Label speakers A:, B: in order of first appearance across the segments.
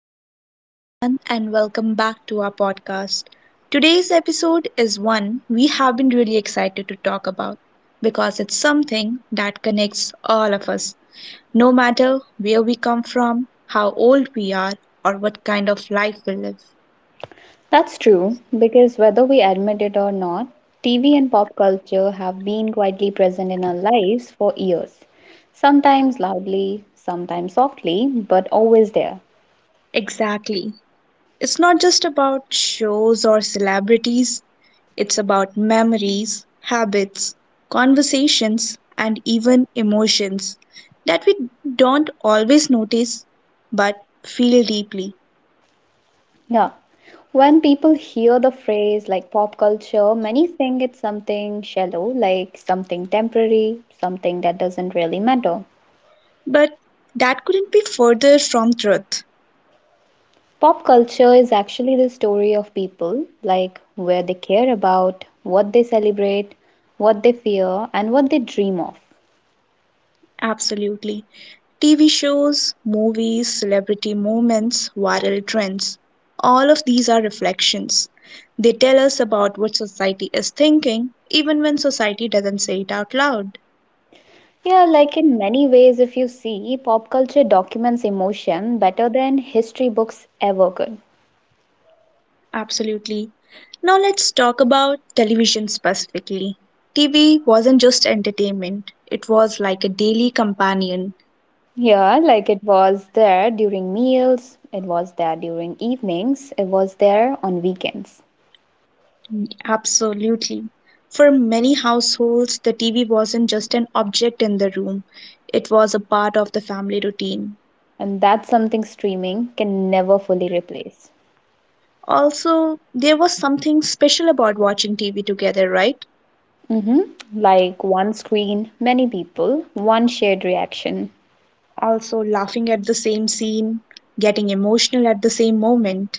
A: Hello, everyone, and welcome back to our podcast. Today's episode is one we have been really excited to talk about because it's something that connects all of us, no matter where we come from, how old we are, or what kind of life we live.
B: That's true, because whether we admit it or not, TV and pop culture have been quietly present in our lives for years. Sometimes loudly, sometimes softly, but always there.
A: Exactly. It's not just about shows or celebrities, it's about memories, habits, conversations, and even emotions that we don't always notice but feel deeply.
B: Yeah. When people hear the phrase like pop culture, many think it's something shallow, like something temporary, something that doesn't really matter.
A: But that couldn't be further from truth.
B: Pop culture is actually the story of people, like where they care about, what they celebrate, what they fear, and what they dream of.
A: Absolutely. TV shows, movies, celebrity moments, viral trends. All of these are reflections. They tell us about what society is thinking, even when society doesn't say it out loud.
B: Yeah, like in many ways, if you see, pop culture documents emotion better than history books ever could.
A: Absolutely. Now let's talk about television specifically. TV wasn't just entertainment, it was like a daily companion.
B: Yeah, like it was there during meals, it was there during evenings, it was there on weekends.
A: Absolutely. For many households, the TV wasn't just an object in the room, it was a part of the family routine.
B: And that's something streaming can never fully replace.
A: Also, there was something special about watching TV together, right?
B: Mm-hmm. Like one screen, many people, one shared reaction.
A: Also, laughing at the same scene, getting emotional at the same moment.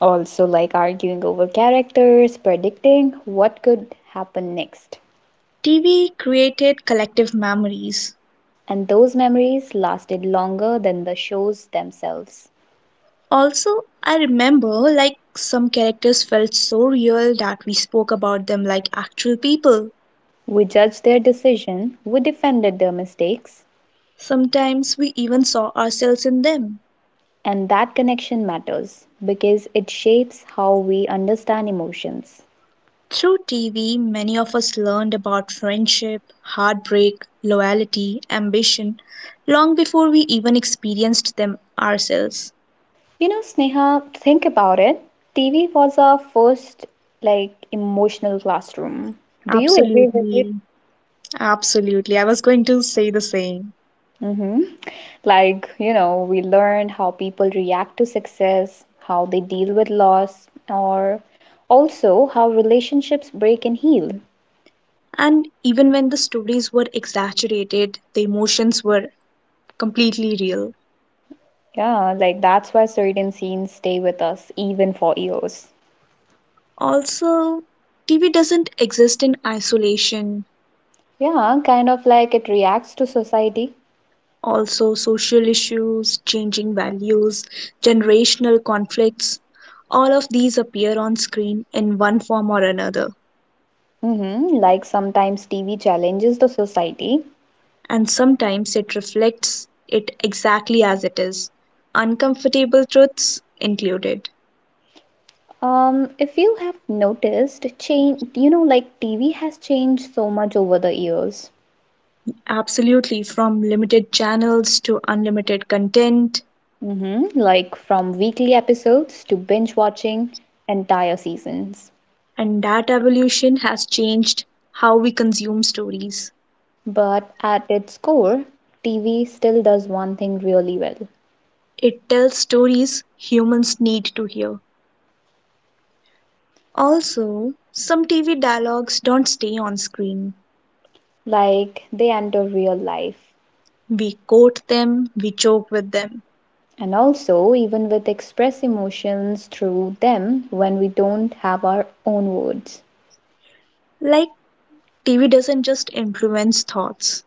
B: Also, like arguing over characters, predicting what could happen next.
A: TV created collective memories.
B: And those memories lasted longer than the shows themselves.
A: Also, I remember like some characters felt so real that we spoke about them like actual people.
B: We judged their decision, we defended their mistakes,
A: Sometimes we even saw ourselves in them.
B: and that connection matters because it shapes how we understand emotions.
A: Through TV, many of us learned about friendship, heartbreak, loyalty, ambition, long before we even experienced them ourselves.
B: You know, Sneha, think about it. TV was our first like emotional classroom. Do you agree with it?
A: Absolutely, absolutely. I was going to say the same.
B: hmm Like, you know, we learn how people react to success, how they deal with loss, or also how relationships break and heal.
A: And even when the stories were exaggerated, the emotions were completely real.
B: Yeah, like that's why certain scenes stay with us even for years.
A: Also, TV doesn't exist in isolation.
B: Yeah, kind of like it reacts to society.
A: Also social issues, changing values, generational conflicts. All of these appear on screen in one form or another,
B: Mm-hmm. Like sometimes TV challenges the society.
A: and sometimes it reflects it exactly as it is, uncomfortable truths included.
B: If you have noticed, change, you know, like TV has changed so much over the years.
A: Absolutely, from limited channels to unlimited content,
B: Like from weekly episodes to binge watching entire seasons.
A: and that evolution has changed how we consume stories.
B: But at its core, TV still does one thing really well.
A: It tells stories humans need to hear. Also, some TV dialogues don't stay on screen.
B: Like they enter real life.
A: We quote them, we joke with them.
B: And also, even with express emotions through them when we don't have our own words.
A: Like, TV doesn't just influence thoughts.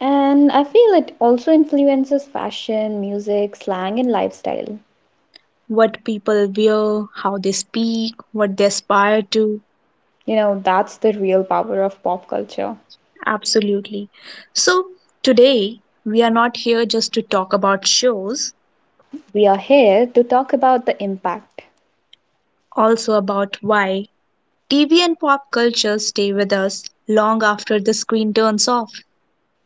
B: And I feel it also influences fashion, music, slang, and lifestyle.
A: What people wear, how they speak, what they aspire to.
B: You know, that's the real power of pop culture.
A: Absolutely. So, today, we are not here just to talk about shows,
B: We are here to talk about the impact.
A: also about why TV and pop culture stay with us long after the screen turns off.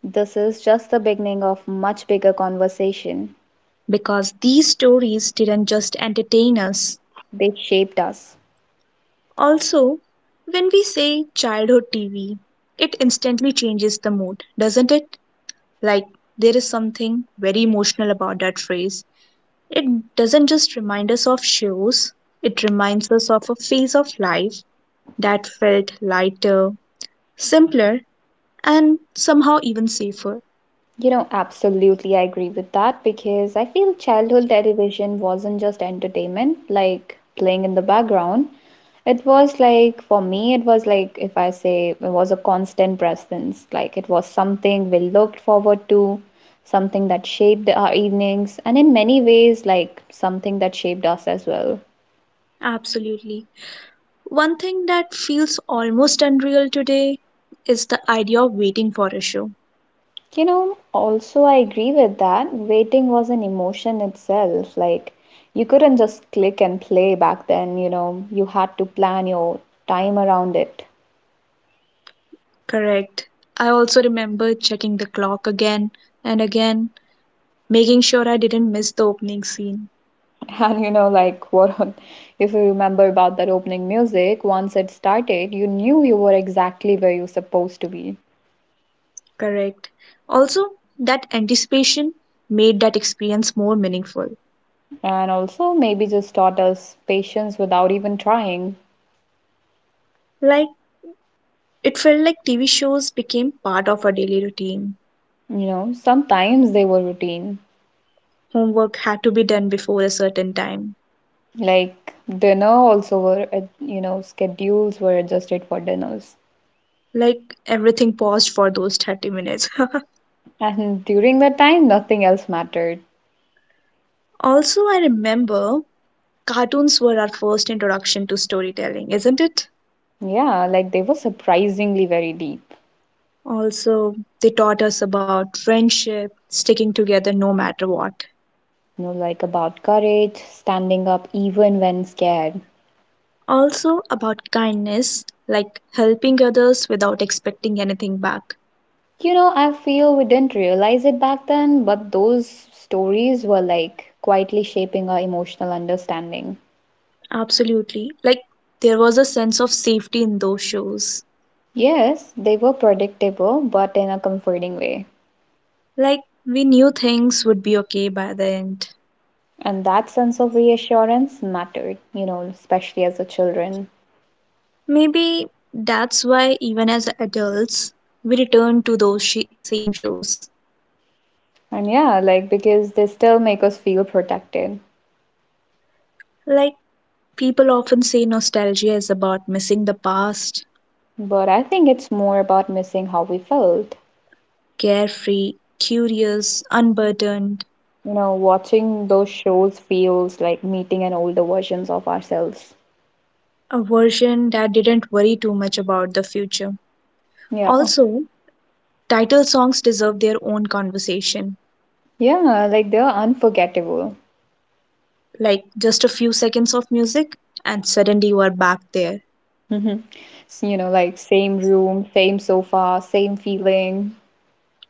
B: This is just the beginning of much bigger conversation.
A: Because these stories didn't just entertain us.
B: They shaped us.
A: Also, when we say childhood TV, it instantly changes the mood, doesn't it? Like, there is something very emotional about that phrase. It doesn't just remind us of shows, it reminds us of a phase of life that felt lighter, simpler, and somehow even safer.
B: You know, absolutely I agree with that because I feel childhood television wasn't just entertainment, like playing in the background. It was like, for me, it was like, if I say, it was a constant presence. Like, it was something we looked forward to, something that shaped our evenings, and in many ways, like, something that shaped us as well.
A: Absolutely. One thing that feels almost unreal today is the idea of waiting for a show.
B: You know, also I agree with that. Waiting was an emotion itself. Like, you couldn't just click and play back then, you know, you had to plan your time around it.
A: Correct. I also remember checking the clock again and again, making sure I didn't miss the opening scene.
B: And, you know, like, what if you remember about that opening music, once it started, you knew you were exactly where you were supposed to be.
A: Correct. Also, that anticipation made that experience more meaningful.
B: And also, maybe just taught us patience without even trying.
A: Like, it felt like TV shows became part of our daily routine.
B: You know, sometimes they were routine.
A: Homework had to be done before a certain time.
B: Like dinner also were, you know, schedules were adjusted for dinners.
A: Like, everything paused for those 30 minutes.
B: And during that time, nothing else mattered.
A: Also, I remember cartoons were our first introduction to storytelling, isn't it?
B: Yeah, like they were surprisingly very deep.
A: Also, they taught us about friendship, sticking together no matter what.
B: You know, like about courage, standing up even when scared.
A: Also, about kindness, like helping others without expecting anything back.
B: You know, I feel we didn't realize it back then, but those stories were like quietly shaping our emotional understanding.
A: Absolutely. Like, there was a sense of safety in those shows.
B: Yes, they were predictable, but in a comforting way.
A: Like, we knew things would be okay by the end.
B: And that sense of reassurance mattered, you know, especially as a children.
A: Maybe that's why, even as adults, we return to those same shows.
B: And yeah, like because they still make us feel protected.
A: Like, people often say nostalgia is about missing the past,
B: But I think it's more about missing how we felt.
A: carefree, curious, unburdened,
B: You know, watching those shows feels like meeting an older versions of ourselves.
A: a version that didn't worry too much about the future.
B: Yeah.
A: Also, title songs deserve their own conversation,
B: Yeah, like they're unforgettable.
A: like just a few seconds of music, and suddenly you are back there.
B: Mhm. You know, like same room, same sofa, same feeling.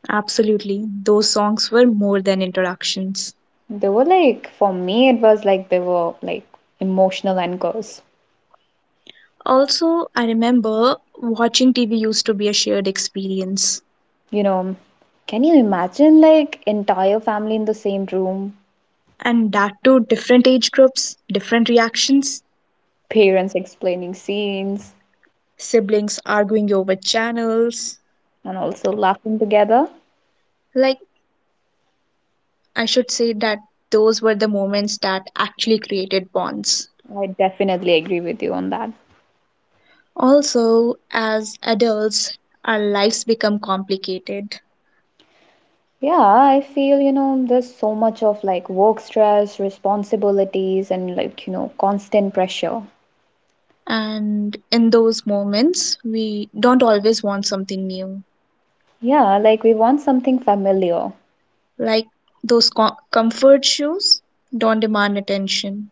A: Absolutely, those songs were more than introductions.
B: They were like, for me, it was like they were like emotional anchors.
A: Also, I remember watching TV used to be a shared experience,
B: You know, can you imagine like entire family in the same room,
A: and that too different age groups, different reactions,
B: parents explaining scenes
A: siblings arguing over channels.
B: and also laughing together?
A: Like I should say that those were the moments that actually created bonds.
B: I definitely agree with you on that.
A: Also, as adults, our lives become complicated,
B: Yeah, I feel, you know, there's so much of like work stress, responsibilities, and like, you know, constant pressure.
A: and in those moments, we don't always want something new.
B: Yeah, like we want something familiar.
A: Like those comfort shoes don't demand attention.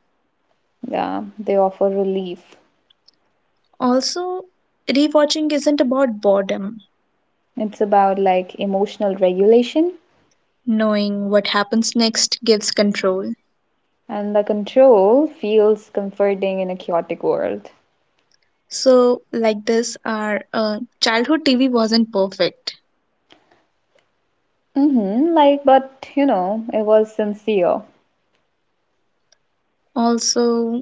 B: Yeah, they offer relief.
A: Also, rewatching isn't about boredom,
B: It's about like emotional regulation,
A: knowing what happens next gives control.
B: and the control feels comforting in a chaotic world.
A: So, like this, our childhood TV wasn't perfect.
B: Mm-hmm, like, but you know, it was sincere.
A: Also,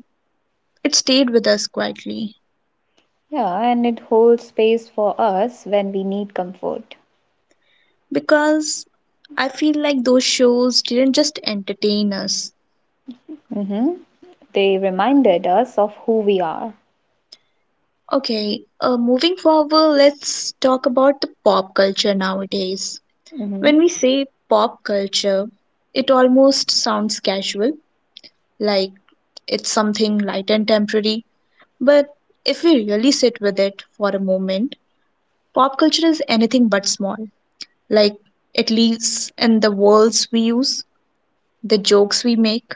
A: it stayed with us quietly
B: Yeah, and it holds space for us when we need comfort.
A: because I feel like those shows didn't just entertain us.
B: Mm-hmm. They reminded us of who we are.
A: Okay, moving forward, let's talk about the pop culture nowadays.
B: Mm-hmm.
A: When we say pop culture, it almost sounds casual, like it's something light and temporary. But if we really sit with it for a moment, pop culture is anything but small. Like, it lives in the worlds we use, the jokes we make,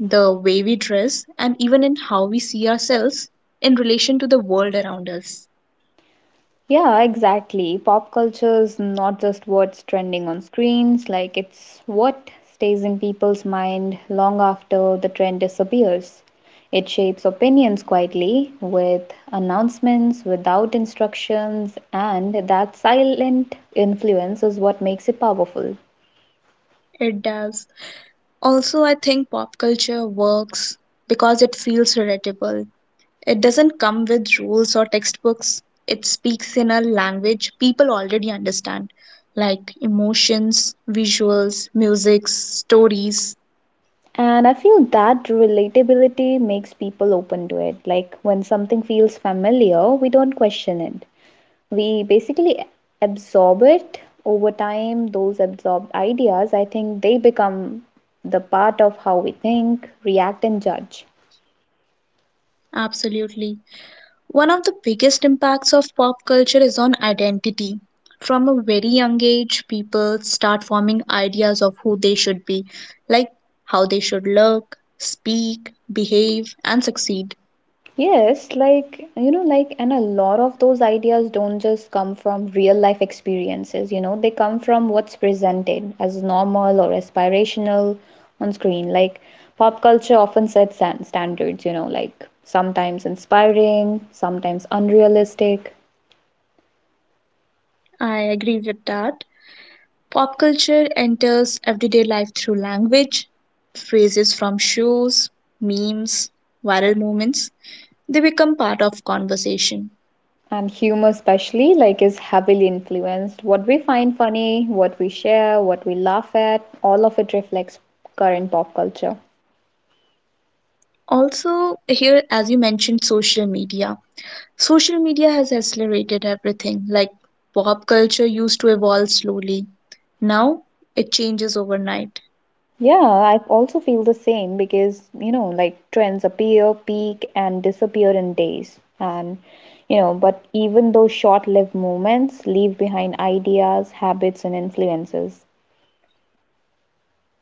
A: the way we dress, and even in how we see ourselves in relation to the world around us.
B: Yeah, exactly. Pop culture is not just what's trending on screens, like it's what stays in people's mind long after the trend disappears. It shapes opinions quietly with announcements, without instructions, and that silent influence is what makes it powerful.
A: It does. Also, I think pop culture works because it feels relatable. It doesn't come with rules or textbooks, it speaks in a language people already understand, like emotions, visuals, music, stories.
B: And I feel that relatability makes people open to it. Like when something feels familiar, we don't question it. We basically absorb it. Over time, those absorbed ideas, I think, they become the part of how we think, react and judge.
A: Absolutely. One of the biggest impacts of pop culture is on identity. From a very young age, people start forming ideas of who they should be, like how they should look, speak, behave, and succeed.
B: Yes, like, you know, like, and a lot of those ideas don't just come from real life experiences, you know, they come from what's presented as normal or aspirational on screen. Like, pop culture often sets standards, you know, like sometimes inspiring, sometimes unrealistic.
A: I agree with that. Pop culture enters everyday life through language, phrases from shows, memes, viral moments. They become part of conversation.
B: And humor, especially, like, is heavily influenced. What we find funny, what we share, what we laugh at, all of it reflects current pop culture.
A: Also, here, as you mentioned, social media. Social media has accelerated everything. Like pop culture used to evolve slowly, now it changes overnight.
B: Yeah, I also feel the same because, you know, like trends appear, peak, and disappear in days. And, you know, but even those short-lived moments leave behind ideas, habits, and influences.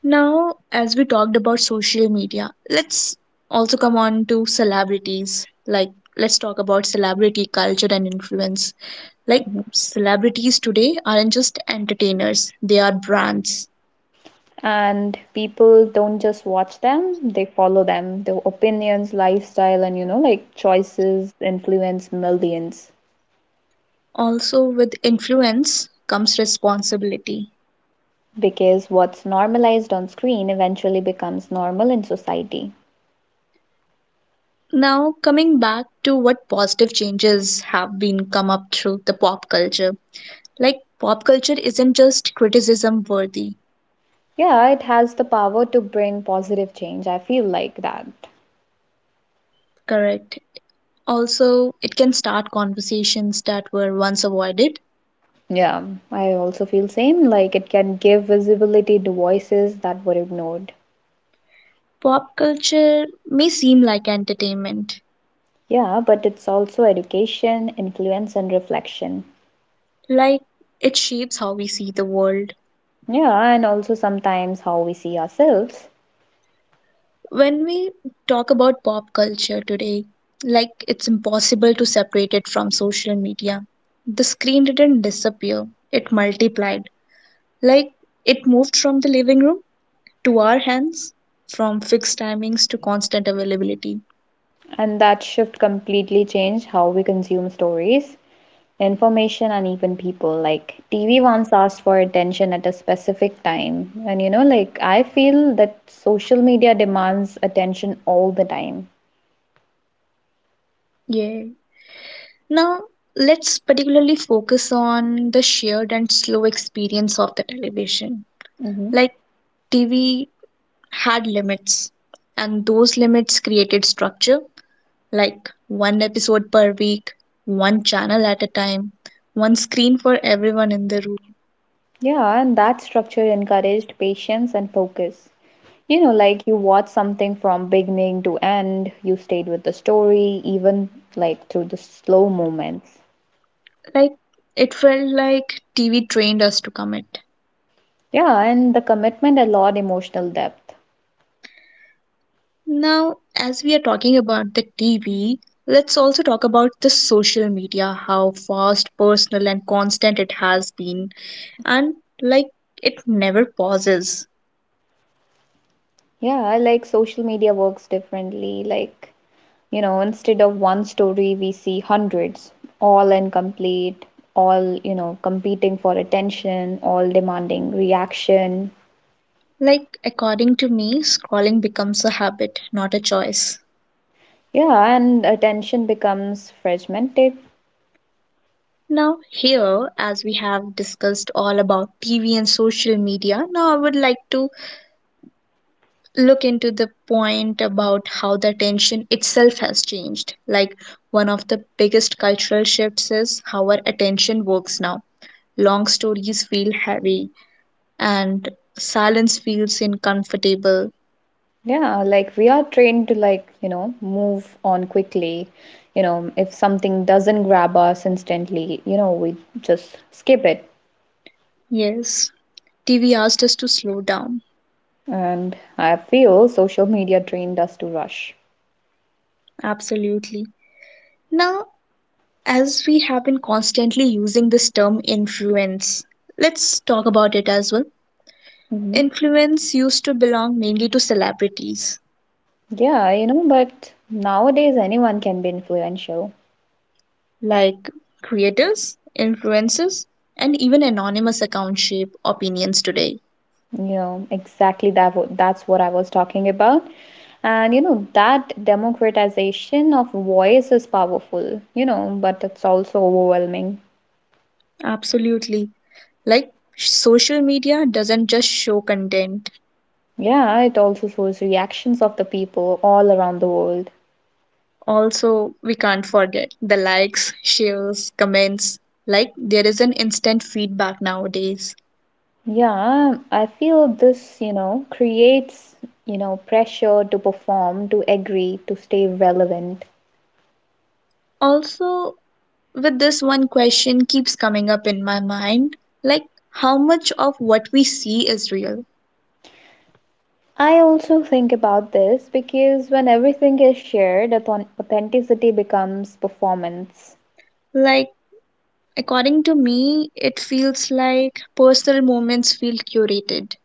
A: Now, as we talked about social media, let's also come on to celebrities. Like, let's talk about celebrity culture and influence. Like,
B: Mm-hmm.
A: celebrities today aren't just entertainers, they are brands.
B: And people don't just watch them, they follow them. Their opinions, lifestyle, and, you know, like, choices influence millions.
A: Also, with influence comes responsibility.
B: Because what's normalized on screen eventually becomes normal in society.
A: Now, coming back to what positive changes have been come up through the pop culture. Like, pop culture isn't just criticism worthy,
B: Yeah, it has the power to bring positive change, I feel like that.
A: correct? Also, it can start conversations that were once avoided.
B: Yeah, I also feel same, like it can give visibility to voices that were ignored.
A: Pop culture may seem like entertainment,
B: Yeah, but it's also education, influence and reflection.
A: like, it shapes how we see the world.
B: Yeah, and also sometimes how we see ourselves.
A: When we talk about pop culture today, like, it's impossible to separate it from social media. The screen didn't disappear, it multiplied. Like it moved from the living room to our hands, from fixed timings to constant availability.
B: And that shift completely changed how we consume stories, information, and even people. Like, TV once asked for attention at a specific time. And you know, like, I feel that social media demands attention all the time.
A: Yeah. Now, let's particularly focus on the shared and slow experience of the television.
B: Hmm.
A: Like TV had limits, and those limits created structure, like one episode per week, one channel at a time, one screen for everyone in the room.
B: Yeah, and that structure encouraged patience and focus. You know, like, you watch something from beginning to end, you stayed with the story, even like through the slow moments.
A: Like it felt like TV trained us to commit.
B: Yeah, and the commitment allowed emotional depth.
A: Now, as we are talking about the TV, let's also talk about the social media, how fast, personal, and constant it has been, and like it never pauses.
B: Yeah, like social media works differently. Like, you know, instead of one story, we see hundreds, all incomplete, all, you know, competing for attention, all demanding reaction.
A: Like, according to me, scrolling becomes a habit, not a choice.
B: Yeah, and attention becomes fragmented.
A: Now, here, as we have discussed all about TV and social media, now I would like to look into the point about how the attention itself has changed. Like one of the biggest cultural shifts is how our attention works now. Long stories feel heavy and silence feels uncomfortable.
B: Yeah, like we are trained to, like, you know, move on quickly. You know, if something doesn't grab us instantly, you know, we just skip it.
A: Yes, TV asked us to slow down.
B: And I feel social media trained us to rush.
A: Absolutely. Now, as we have been constantly using this term influence, let's talk about it as well.
B: Mm-hmm.
A: Influence used to belong mainly to celebrities
B: Yeah, you know, but nowadays anyone can be influential.
A: like creators, influencers, and even anonymous accounts shape opinions today.
B: You know, exactly that's what I was talking about. And you know, that democratization of voice is powerful, you know, but it's also overwhelming.
A: Absolutely. Like social media doesn't just show content,
B: Yeah, it also shows reactions of the people all around the world.
A: also, we can't forget the likes, shares, comments. Like there is an instant feedback nowadays.
B: Yeah, I feel this, you know, creates, you know, pressure to perform, to agree, to stay relevant.
A: Also, with this one question keeps coming up in my mind like, how much of what we see is real?
B: I also think about this because when everything is shared, authenticity becomes performance.
A: Like, according to me, it feels like personal moments feel curated.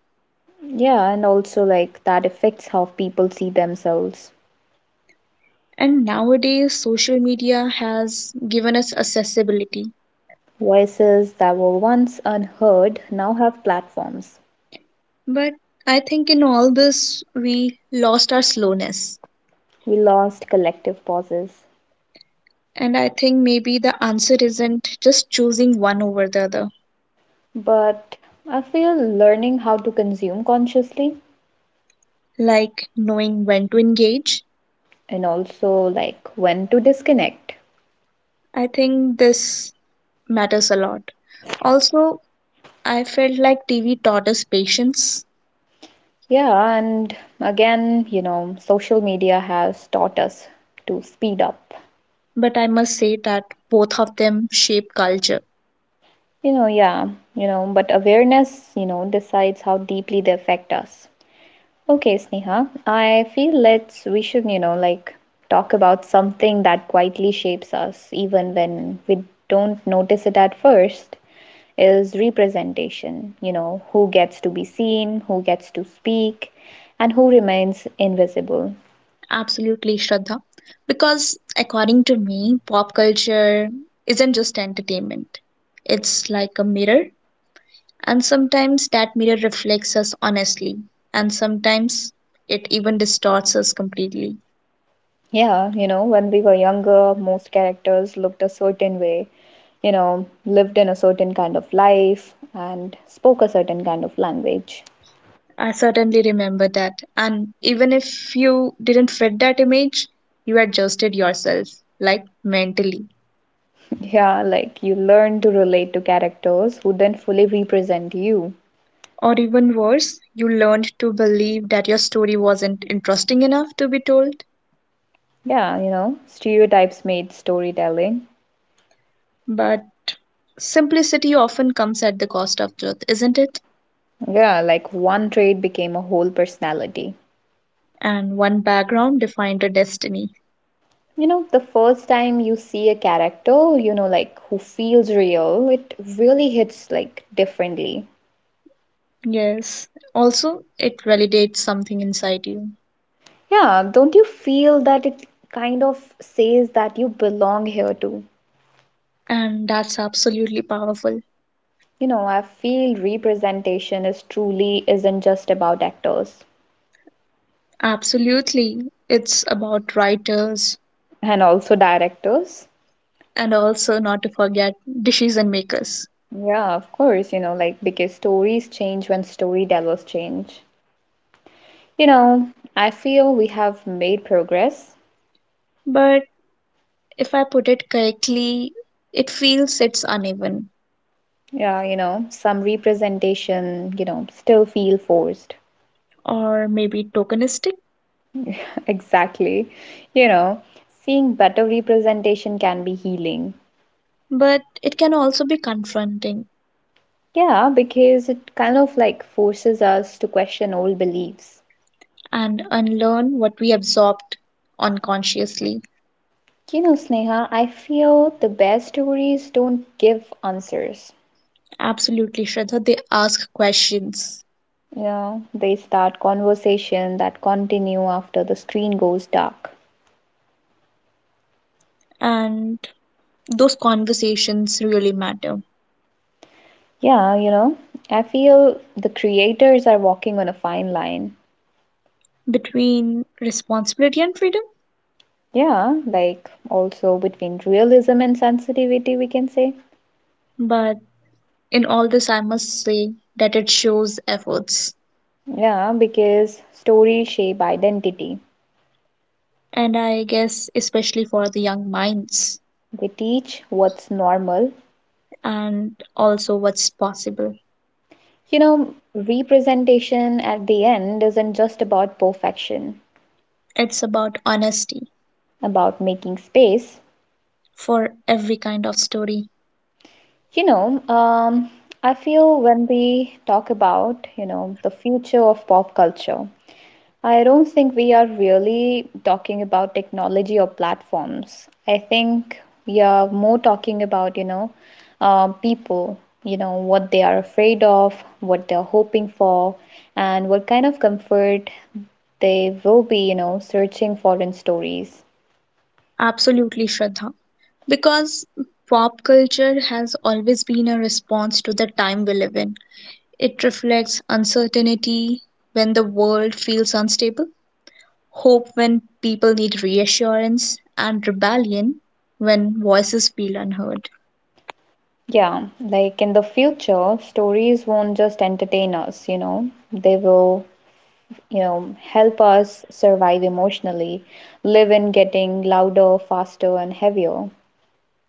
B: Yeah, and also like that affects how people see themselves.
A: And nowadays, social media has given us accessibility.
B: Voices that were once unheard now have platforms.
A: But I think in all this, we lost our slowness.
B: We lost collective pauses.
A: And I think maybe the answer isn't just choosing one over the other,
B: But I feel learning how to consume consciously
A: like knowing when to engage.
B: and also like when to disconnect.
A: I think this matters a lot. Also, I felt like TV taught us patience,
B: Yeah, and again, you know, social media has taught us to speed up.
A: but I must say that both of them shape culture.
B: You know, yeah, you know, but awareness, you know, decides how deeply they affect us. Okay, Sneha, I feel let's we should, you know, like talk about something that quietly shapes us even when we don't notice it at first is representation, you know, who gets to be seen, who gets to speak, and who remains invisible.
A: Absolutely, Shraddha. Because according to me, pop culture isn't just entertainment, it's like a mirror, and sometimes that mirror reflects us honestly, and sometimes it even distorts us completely.
B: Yeah, you know, when we were younger, most characters looked a certain way, you know, lived in a certain kind of life, and spoke a certain kind of language.
A: I certainly remember that, and even if you didn't fit that image, you adjusted yourself, like mentally.
B: Yeah, like you learn to relate to characters who then fully represent you.
A: Or even worse, you learned to believe that your story wasn't interesting enough to be told.
B: Yeah, you know, stereotypes made storytelling.
A: But simplicity often comes at the cost of truth, isn't it?
B: Yeah, like one trait became a whole personality.
A: And one background defined a destiny.
B: You know, the first time you see a character, you know, like who feels real, it really hits like differently.
A: Yes. Also, it validates something inside you.
B: Yeah, don't you feel that it kind of says that you belong here too?
A: And that's absolutely powerful.
B: You know, I feel representation is truly isn't just about actors
A: Absolutely. It's about writers
B: and also directors.
A: and also not to forget decision makers.
B: Yeah, of course, you know, like because stories change when storytellers change. You know, I feel we have made progress.
A: But if I put it correctly, it feels it's uneven
B: Yeah, you know, some representation, you know, still feel forced.
A: or maybe tokenistic,
B: Exactly. You know, seeing better representation can be healing.
A: but it can also be confronting,
B: Yeah, because it kind of like forces us to question old beliefs.
A: and unlearn what we absorbed unconsciously.
B: You know, Sneha, I feel the best stories don't give answers.
A: Absolutely, Shraddha. They ask questions,
B: You know, they start conversation that continue after the screen goes dark.
A: and those conversations really matter
B: Yeah, you know, I feel the creators are walking on a fine line.
A: between responsibility and freedom.
B: Yeah, like also between realism and sensitivity, we can say.
A: But in all this, I must say that it shows efforts,
B: Yeah, because stories shape identity.
A: and I guess especially for the young minds,
B: They teach what's normal.
A: and also what's possible.
B: You know, representation at the end isn't just about perfection,
A: It's about honesty
B: about making space.
A: for every kind of story.
B: You know, um, I feel when we talk about, the future of pop culture, I don't think we are really talking about technology or platforms. I think we are more talking about, people, what they are afraid of, what they're hoping for, and what kind of comfort they will be, searching for in stories.
A: Absolutely, Shraddha. Because pop culture has always been a response to the time we live in. It reflects uncertainty when the world feels unstable, hope when people need reassurance, and rebellion when voices feel unheard.
B: Yeah, like in the future, stories won't just entertain us, they will help us survive emotionally, live in getting louder, faster, and heavier.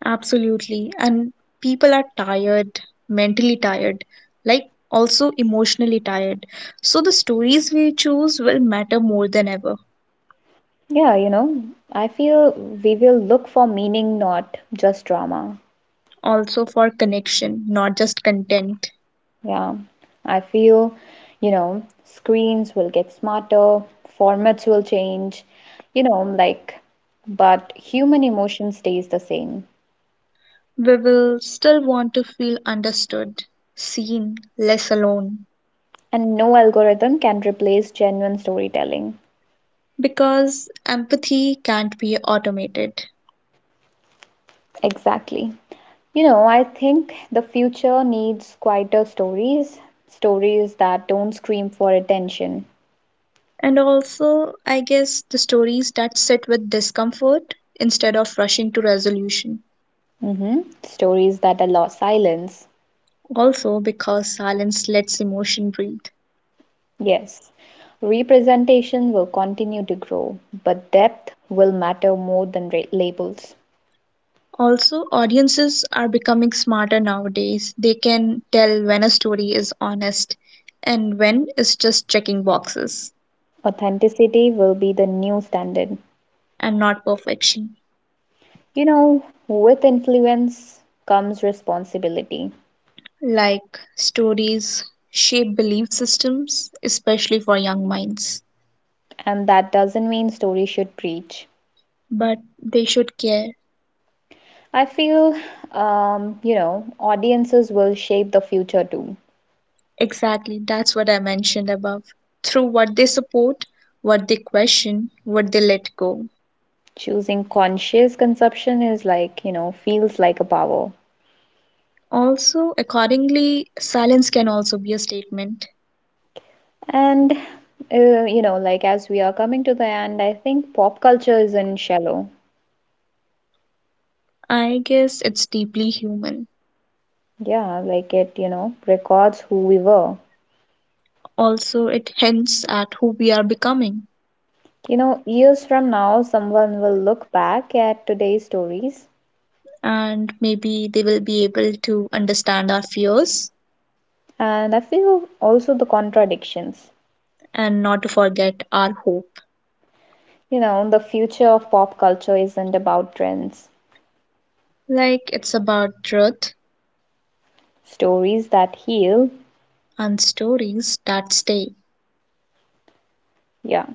A: Absolutely. And people are tired, mentally tired, like also emotionally tired. So the stories we choose will matter more than ever.
B: Yeah, I feel we will look for meaning, not just drama.
A: Also for connection, not just content.
B: Yeah, I feel, screens will get smarter, formats will change, you know, like, but human emotion stays the same.
A: We will still want to feel understood, seen, less alone,
B: And no algorithm can replace genuine storytelling.
A: because empathy can't be automated.
B: Exactly. I think the future needs quieter stories, stories that don't scream for attention,
A: And also, I guess the stories that sit with discomfort instead of rushing to resolution.
B: stories that allow silence.
A: Also, because silence lets emotion breathe.
B: Yes, representation will continue to grow, but depth will matter more than labels.
A: Also, audiences are becoming smarter nowadays. They can tell when a story is honest and when it's just checking boxes
B: Authenticity will be the new standard.
A: and not perfection.
B: With influence comes responsibility,
A: Like stories shape belief systems, especially for young minds.
B: and that doesn't mean stories should preach.
A: But they should care.
B: I feel, audiences will shape the future too.
A: Exactly, that's what I mentioned above. Through what they support, what they question, what they let go.
B: Choosing conscious consumption is like, feels like a power.
A: Also, accordingly, silence can also be a statement.
B: And, as we are coming to the end, I think pop culture is in shallow.
A: I guess it's deeply human.
B: Yeah, like it, records who we were.
A: Also, it hints at who we are becoming,
B: Years from now, someone will look back at today's stories,
A: and maybe they will be able to understand our fears
B: and I feel also the contradictions.
A: and not to forget our hope.
B: The future of pop culture isn't about trends.
A: Like it's about truth
B: Stories that heal.
A: and stories that stay.
B: Yeah.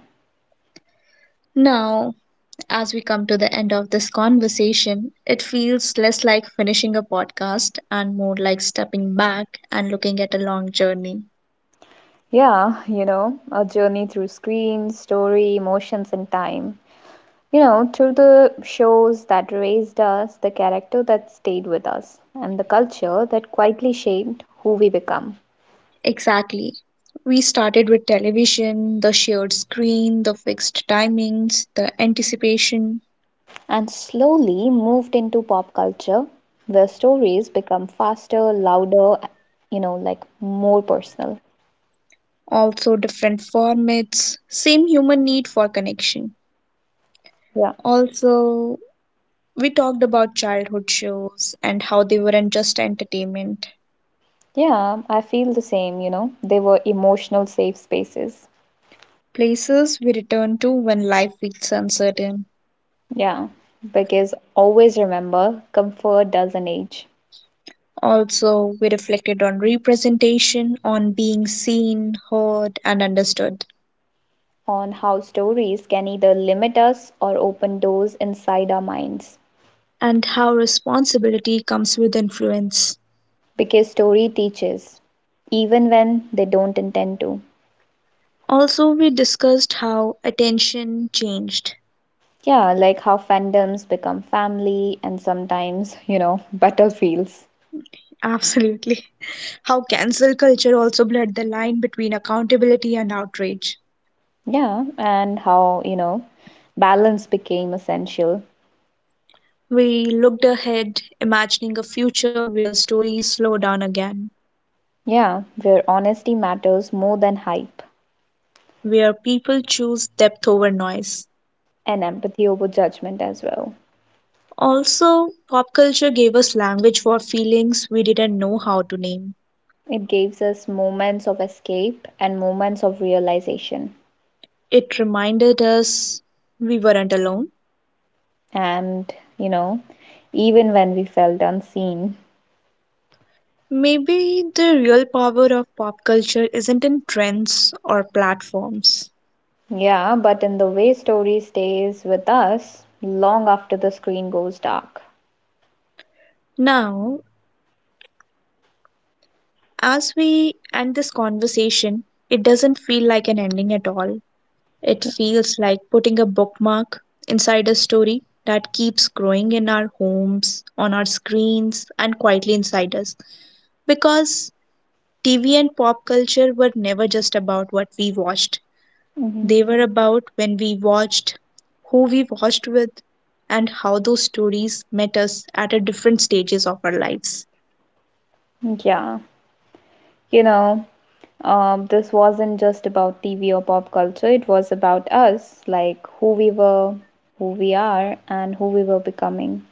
A: Now, as we come to the end of this conversation, it feels less like finishing a podcast and more like stepping back and looking at a long journey.
B: Yeah, a journey through screens, story, emotions, and time. Through the shows that raised us, the character that stayed with us, and the culture that quietly shaped who we become.
A: Exactly. We started with television, the shared screen, the fixed timings, the anticipation,
B: And slowly moved into pop culture, where stories become faster, louder, more personal.
A: also different formats, same human need for connection.
B: Yeah.
A: Also, we talked about childhood shows and how they weren't just entertainment,
B: Yeah, I feel the same, They were emotional safe spaces.
A: places we return to when life feels uncertain.
B: Yeah, because always remember, comfort doesn't age.
A: Also, we reflected on representation, on being seen, heard, and understood,
B: On how stories can either limit us or open doors inside our minds.
A: and how responsibility comes with influence.
B: Because story teaches, even when they don't intend to.
A: Also, we discussed how attention changed.
B: Yeah, like how fandoms become family and sometimes, battlefields.
A: Absolutely. How cancel culture also blurred the line between accountability and outrage.
B: Yeah, and how balance became essential.
A: We looked ahead, imagining a future where stories slow down again,
B: Yeah, where honesty matters more than hype
A: where people choose depth over noise.
B: and empathy over judgment as well.
A: Also, pop culture gave us language for feelings we didn't know how to name.
B: It gives us moments of escape and moments of realization.
A: It reminded us we weren't alone.
B: And, you know, even when we felt unseen.
A: Maybe the real power of pop culture isn't in trends or platforms.
B: Yeah, but in the way story stays with us long after the screen goes dark.
A: Now, as we end this conversation, it doesn't feel like an ending at all. It feels like putting a bookmark inside a story that keeps growing in our homes, on our screens, and quietly inside us. Because TV and pop culture were never just about what we watched,
B: hmm
A: they were about when we watched, who we watched with, and how those stories met us at a different stages of our lives.
B: Yeah, you know, this wasn't just about TV or pop culture, it was about us, like who we were, who we are, and who we were becoming.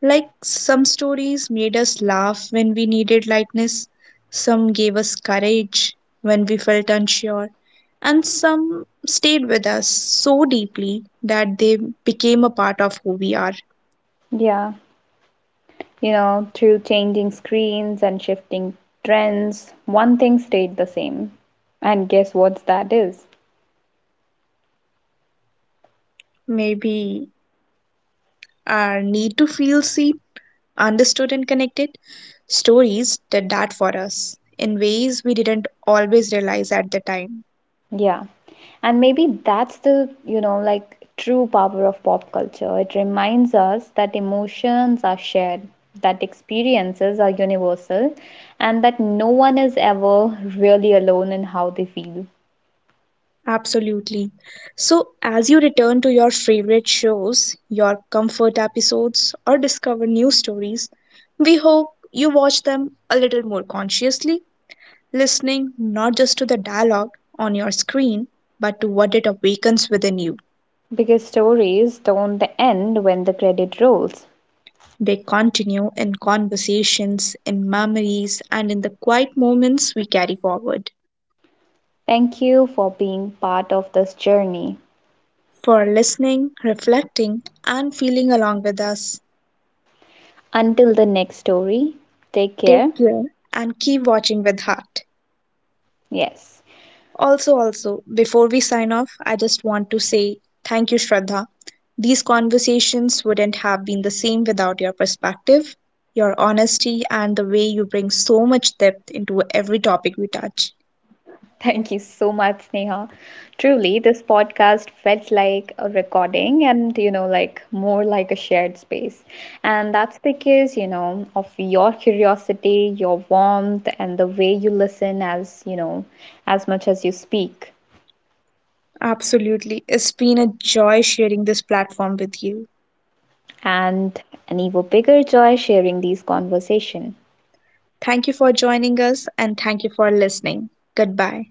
A: Like some stories made us laugh when we needed lightness, some gave us courage when we felt unsure and some stayed with us so deeply that they became a part of who we are.
B: Yeah. You know, through changing screens and shifting trends, one thing stayed the same. And guess what that is?
A: Maybe our need to feel seen, understood, and connected. Stories did that for us in ways we didn't always realize at the time.
B: Yeah. And maybe that's the, true power of pop culture. It reminds us that emotions are shared, that experiences are universal, and that no one is ever really alone in how they feel.
A: Absolutely. So, as you return to your favorite shows, your comfort episodes, or discover new stories, we hope you watch them a little more consciously, listening not just to the dialogue on your screen, but to what it awakens within you.
B: Because stories don't end when the credit rolls.
A: They continue in conversations, in memories, and in the quiet moments we carry forward.
B: Thank you for being part of this journey.
A: For listening, reflecting, and feeling along with us,
B: Until the next story, take care.
A: take care and keep watching with heart.
B: Yes.
A: Also, also, before we sign off, I just want to say thank you, Shraddha. These conversations wouldn't have been the same without your perspective, your honesty, and the way you bring so much depth into every topic we touch.
B: Thank you so much, Neha. Truly, this podcast felt like a recording and, more like a shared space. And that's because, of your curiosity, your warmth, and the way you listen as, as much as you speak.
A: Absolutely. It's been a joy sharing this platform with you.
B: And an even bigger joy sharing these conversations.
A: Thank you for joining us and thank you for listening. Goodbye.